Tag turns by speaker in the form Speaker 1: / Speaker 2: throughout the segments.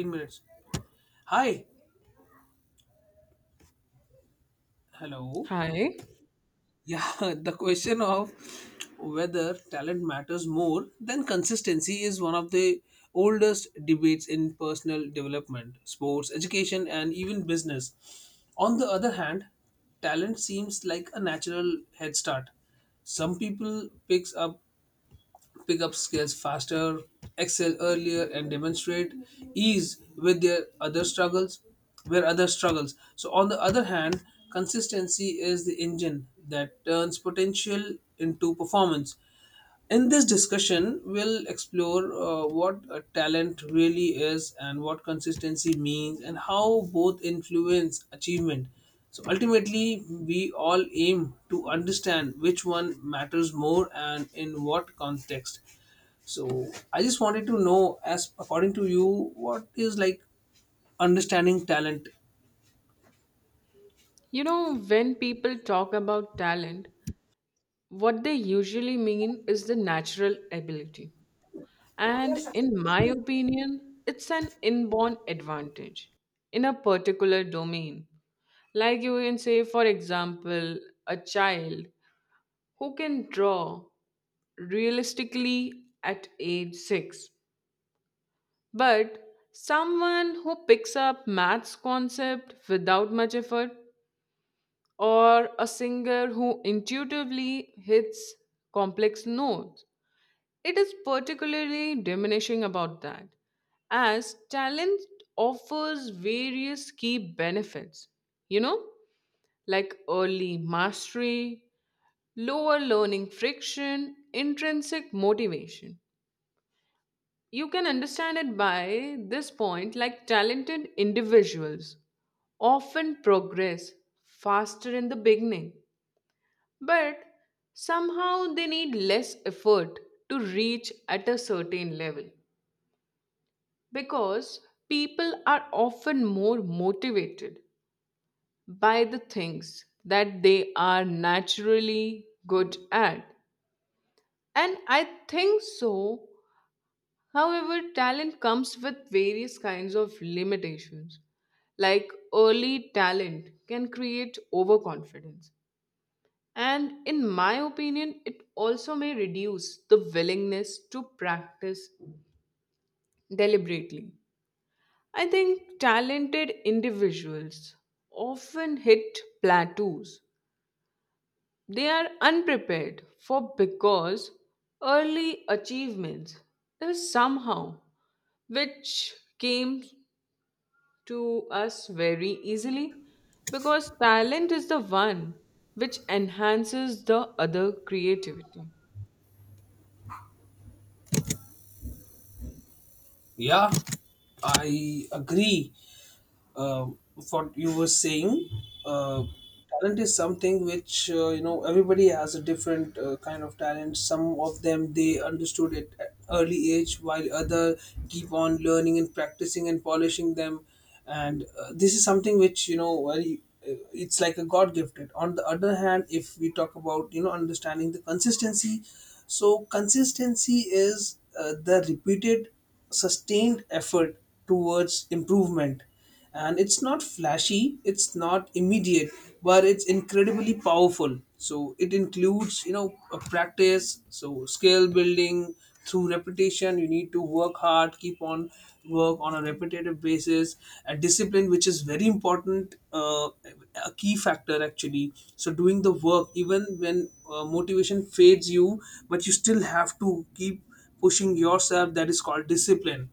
Speaker 1: 15 minutes. Hi. Hello.
Speaker 2: Hi.
Speaker 1: Yeah, the question of whether talent matters more than consistency is one of the oldest debates in personal development, sports, education, and even business. On the other hand, talent seems like a natural head start. Some people picks up Pick up skills faster, excel earlier, and demonstrate ease with their other struggles, So on the other hand, consistency is the engine that turns potential into performance. In this discussion, we'll explore what a talent really is and what consistency means and how both influence achievement. So ultimately, we all aim to understand which one matters more and in what context. So I just wanted to know, as according to you, what is like understanding talent?
Speaker 2: You know, when people talk about talent, what they usually mean is the natural ability. And in my opinion, it's an inborn advantage in a particular domain. Like you can say, for example, a child who can draw realistically at age 6, but someone who picks up maths concept without much effort, or a singer who intuitively hits complex notes. It is particularly diminishing about that, as talent offers various key benefits, you know, like early mastery, lower learning friction, intrinsic motivation. You can understand it by this point, like talented individuals often progress faster in the beginning, but somehow they need less effort to reach at a certain level because people are often more motivated by the things that they are naturally good at, and I think so. However, talent comes with various kinds of limitations, like early talent can create overconfidence. And in my opinion, it also may reduce the willingness to practice deliberately. I think talented individuals often hit plateaus. They are unprepared for, because early achievements is somehow which came to us very easily, because talent is the one which enhances the other creativity.
Speaker 1: Yeah, I agree, um, what you were saying. uh, Talent is something which, you know, everybody has a different kind of talent. Some of them, they understood it at early age, while other keep on learning and practicing and polishing them. And this is something which, you know, very it's like a god gifted. On the other hand, if we talk about, you know, understanding the consistency, so consistency is the repeated sustained effort towards improvement. And it's not flashy, it's not immediate, but it's incredibly powerful. So it includes, you know, a practice, so skill building through repetition. You need to work hard, keep on work on a repetitive basis. A discipline which is very important, a key factor actually. So doing the work even when motivation fades you, but you still have to keep pushing yourself, that is called discipline.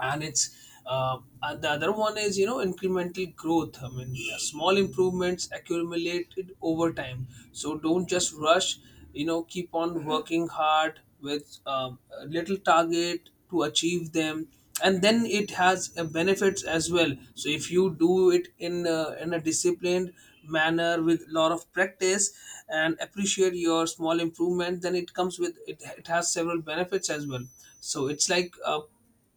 Speaker 1: And it's and the other one is, you know, incremental growth. I mean, small improvements accumulated over time. So don't just rush, you know, keep on working hard with a little target to achieve them. And then it has benefits as well. So if you do it in a disciplined manner with a lot of practice and appreciate your small improvement, then it comes with it, has several benefits as well. So it's like a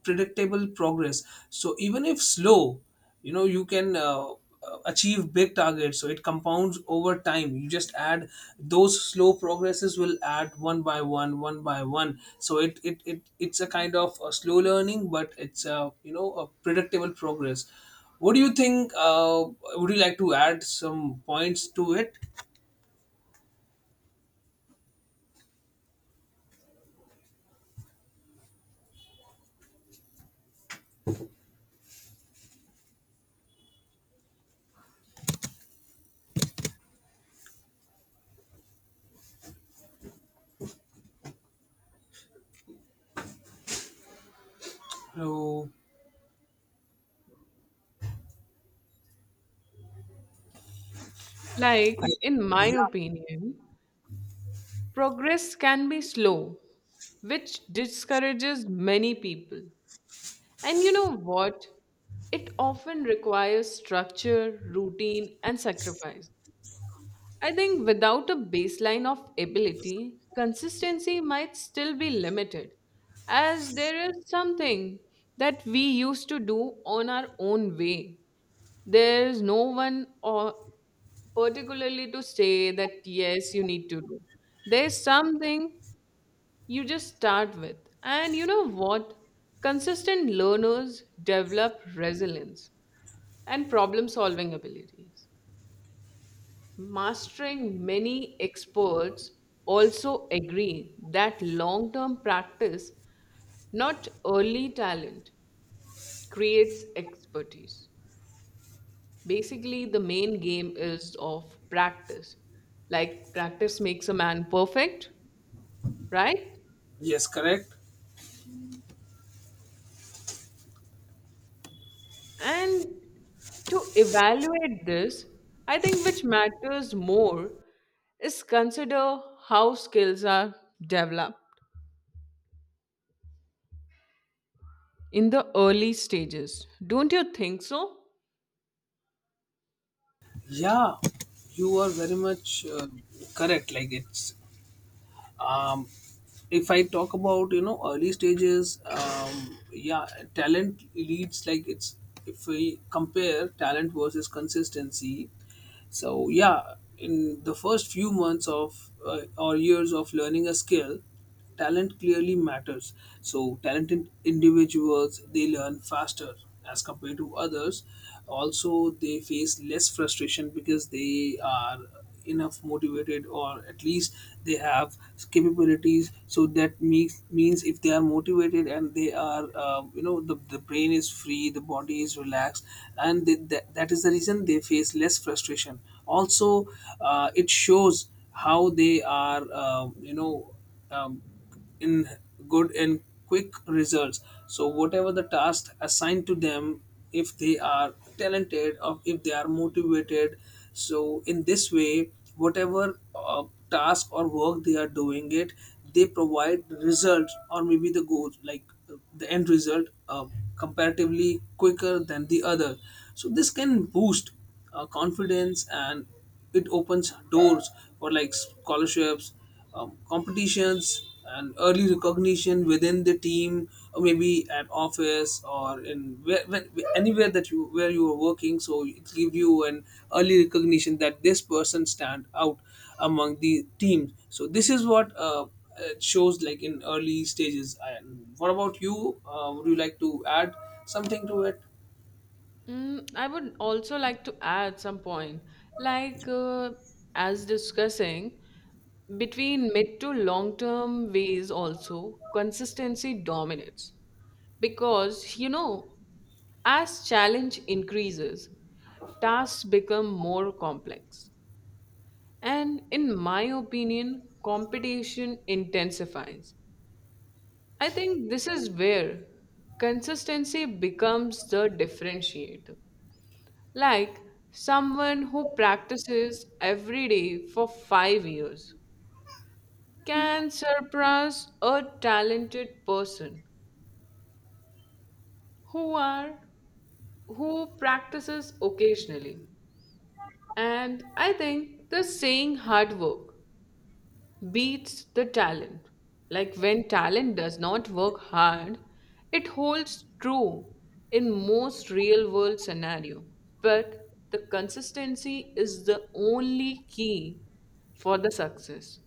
Speaker 1: predictable progress. So even if slow, you know, you can achieve big targets. So it compounds over time. You just add those slow progresses, will add one by one, one by one. So it's a kind of a slow learning, but it's a, you know, a predictable progress. What do you think? Would you like to add some points to it? So
Speaker 2: Like, in my
Speaker 1: yeah.
Speaker 2: opinion, progress can be slow, which discourages many people. And you know what? It often requires structure, routine, and sacrifice. I think without a baseline of ability, consistency might still be limited, as there is something that we used to do on our own way. There is no one or particularly to say that yes you need to do, there's something you just start with. And you know what, consistent learners develop resilience and problem solving abilities, mastering many experts also agree that long term practice, not early talent, creates expertise. Basically the main game is of practice, like practice makes a man perfect, right?
Speaker 1: Yes, correct.
Speaker 2: And to evaluate this, I think which matters more is consider how skills are developed in the early stages. Don't you think so?
Speaker 1: Yeah, you are very much correct. Like it's um, if I talk about, you know, early stages, yeah, talent leads. Like it's, if we compare talent versus consistency, so yeah, in the first few months of or years of learning a skill, talent clearly matters. So, talented individuals, they learn faster as compared to others. Also, they face less frustration because they are enough motivated, or at least they have capabilities. So that means if they are motivated and they are, you know, the brain is free, the body is relaxed, and that is the reason they face less frustration. Also, it shows how they are, you know, um, in good and quick results. So whatever the task assigned to them, if they are talented or if they are motivated, so in this way, whatever task or work they are doing it, they provide results, or maybe the goals, like the end result comparatively quicker than the other. So this can boost confidence, and it opens doors for like scholarships, competitions, and early recognition within the team, or maybe at office, or in anywhere that you, where you are working. So it gives you an early recognition that this person stand out among the team. So this is what it shows, like in early stages. And what about you? Would you like to add something to it?
Speaker 2: Mm, I would also like to add some point, like as discussing between mid to long term ways also consistency dominates, because you know, as challenge increases, tasks become more complex. And in my opinion, competition intensifies. I think this is where consistency becomes the differentiator. Like someone who practices every day for 5 years can surpass a talented person who are who practices occasionally. And I think the saying hard work beats the talent. Like when talent does not work hard, it holds true in most real world scenario. But the consistency is the only key for the success.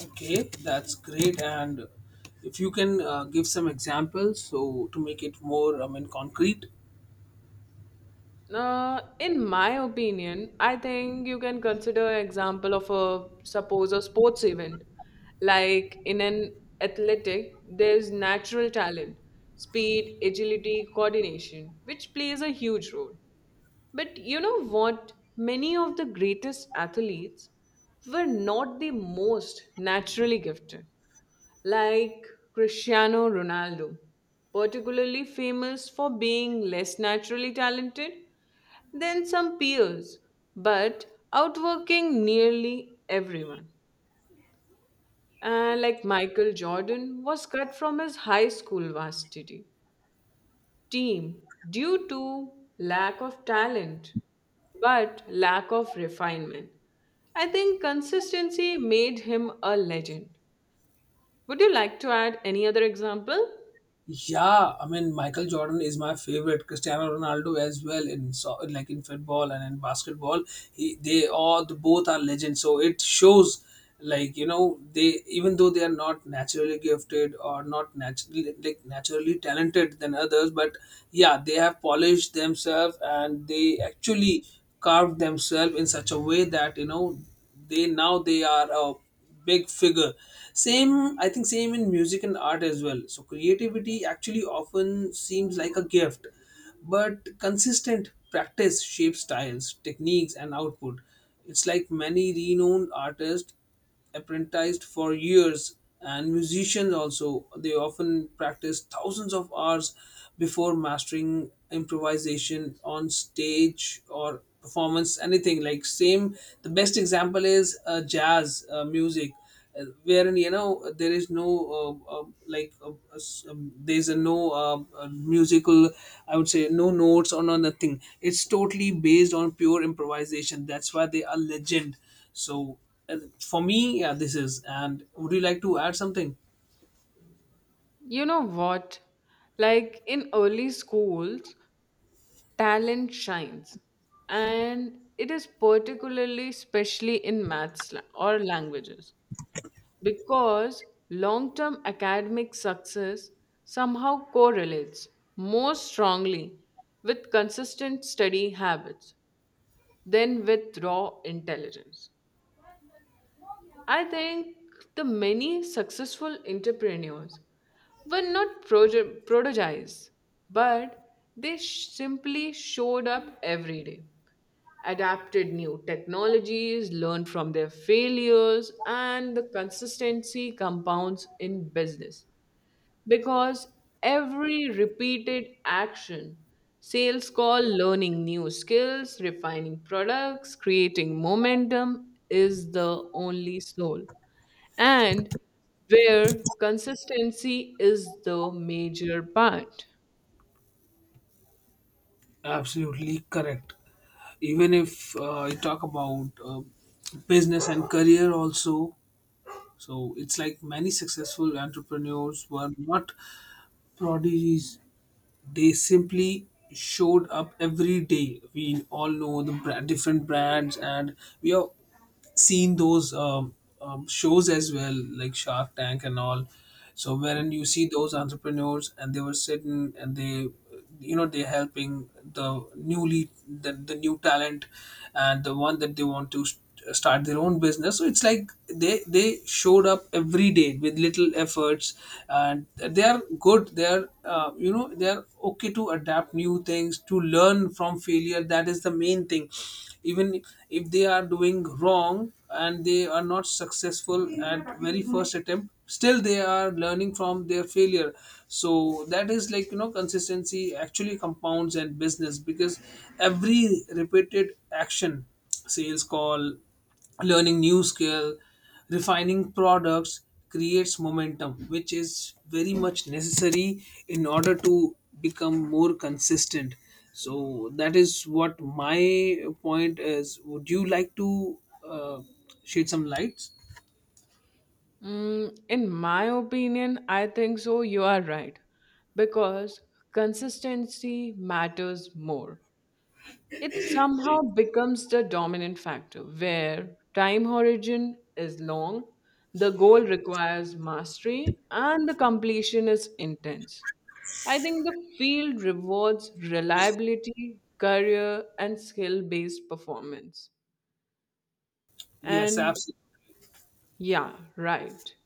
Speaker 1: Okay, that's great. And if you can give some examples, so to make it more, I mean, concrete.
Speaker 2: In my opinion, I think you can consider example of a suppose a sports event. Like in an athletic, there's natural talent, speed, agility, coordination, which plays a huge role. But you know what? Many of the greatest athletes were not the most naturally gifted. Like Cristiano Ronaldo, particularly famous for being less naturally talented than some peers, but outworking nearly everyone. Like Michael Jordan was cut from his high school varsity team due to lack of talent, but lack of refinement. I think consistency made him a legend. Would you like to add any other example?
Speaker 1: Yeah, I mean Michael Jordan is my favorite. Cristiano Ronaldo as well, in, so like in football and in basketball. He, they all, the both are legends. So it shows, like, you know, they, even though they are not naturally gifted or not naturally, like, naturally talented than others, but yeah, they have polished themselves, and they actually carved themselves in such a way that, you know, they, now they are a big figure. Same, I think, same in music and art as well. So creativity actually often seems like a gift, but consistent practice shapes styles, techniques, and output. It's like many renowned artists apprenticed for years, and musicians also, they often practice thousands of hours before mastering improvisation on stage or performance anything. Like same, the best example is jazz music, wherein, you know, there is no there's a no musical, I would say, no notes or no nothing. It's totally based on pure improvisation. That's why they are legend. So for me, yeah, this is. And would you like to add something?
Speaker 2: You know what? Like in early schools, talent shines, and it is particularly especially in maths or languages, because long-term academic success somehow correlates more strongly with consistent study habits than with raw intelligence. I think the many successful entrepreneurs were not prodigies, but they simply showed up every day, adapted new technologies, learned from their failures, and the consistency compounds in business, because every repeated action, sales call, learning new skills, refining products, creating momentum is the only soul, and where consistency is the major part.
Speaker 1: Absolutely correct. Even if you talk about business and career also, so it's like many successful entrepreneurs were not prodigies. They simply showed up every day. We all know the different brands, and we are seen those shows as well, like Shark Tank and all. So wherein you see those entrepreneurs, and they were sitting, and they, you know, they're helping the newly, the new talent, and the one that they want to start their own business. So it's like they showed up every day with little efforts, and they are good. They are, you know, they are okay to adapt new things, to learn from failure. That is the main thing. Even if they are doing wrong and they are not successful at very first attempt, still they are learning from their failure. So that is, like, you know, consistency actually compounds in business, because every repeated action, sales call, learning new skill, refining products, creates momentum, which is very much necessary in order to become more consistent. So that is what my point is. Would you like to uh, shed some lights?
Speaker 2: Mm, in my opinion, I think so. You are right. Because consistency matters more. It somehow becomes the dominant factor where time horizon is long, the goal requires mastery, and the completion is intense. I think the field rewards reliability, career, and skill based performance.
Speaker 1: Yes,
Speaker 2: And
Speaker 1: absolutely.
Speaker 2: yeah, right.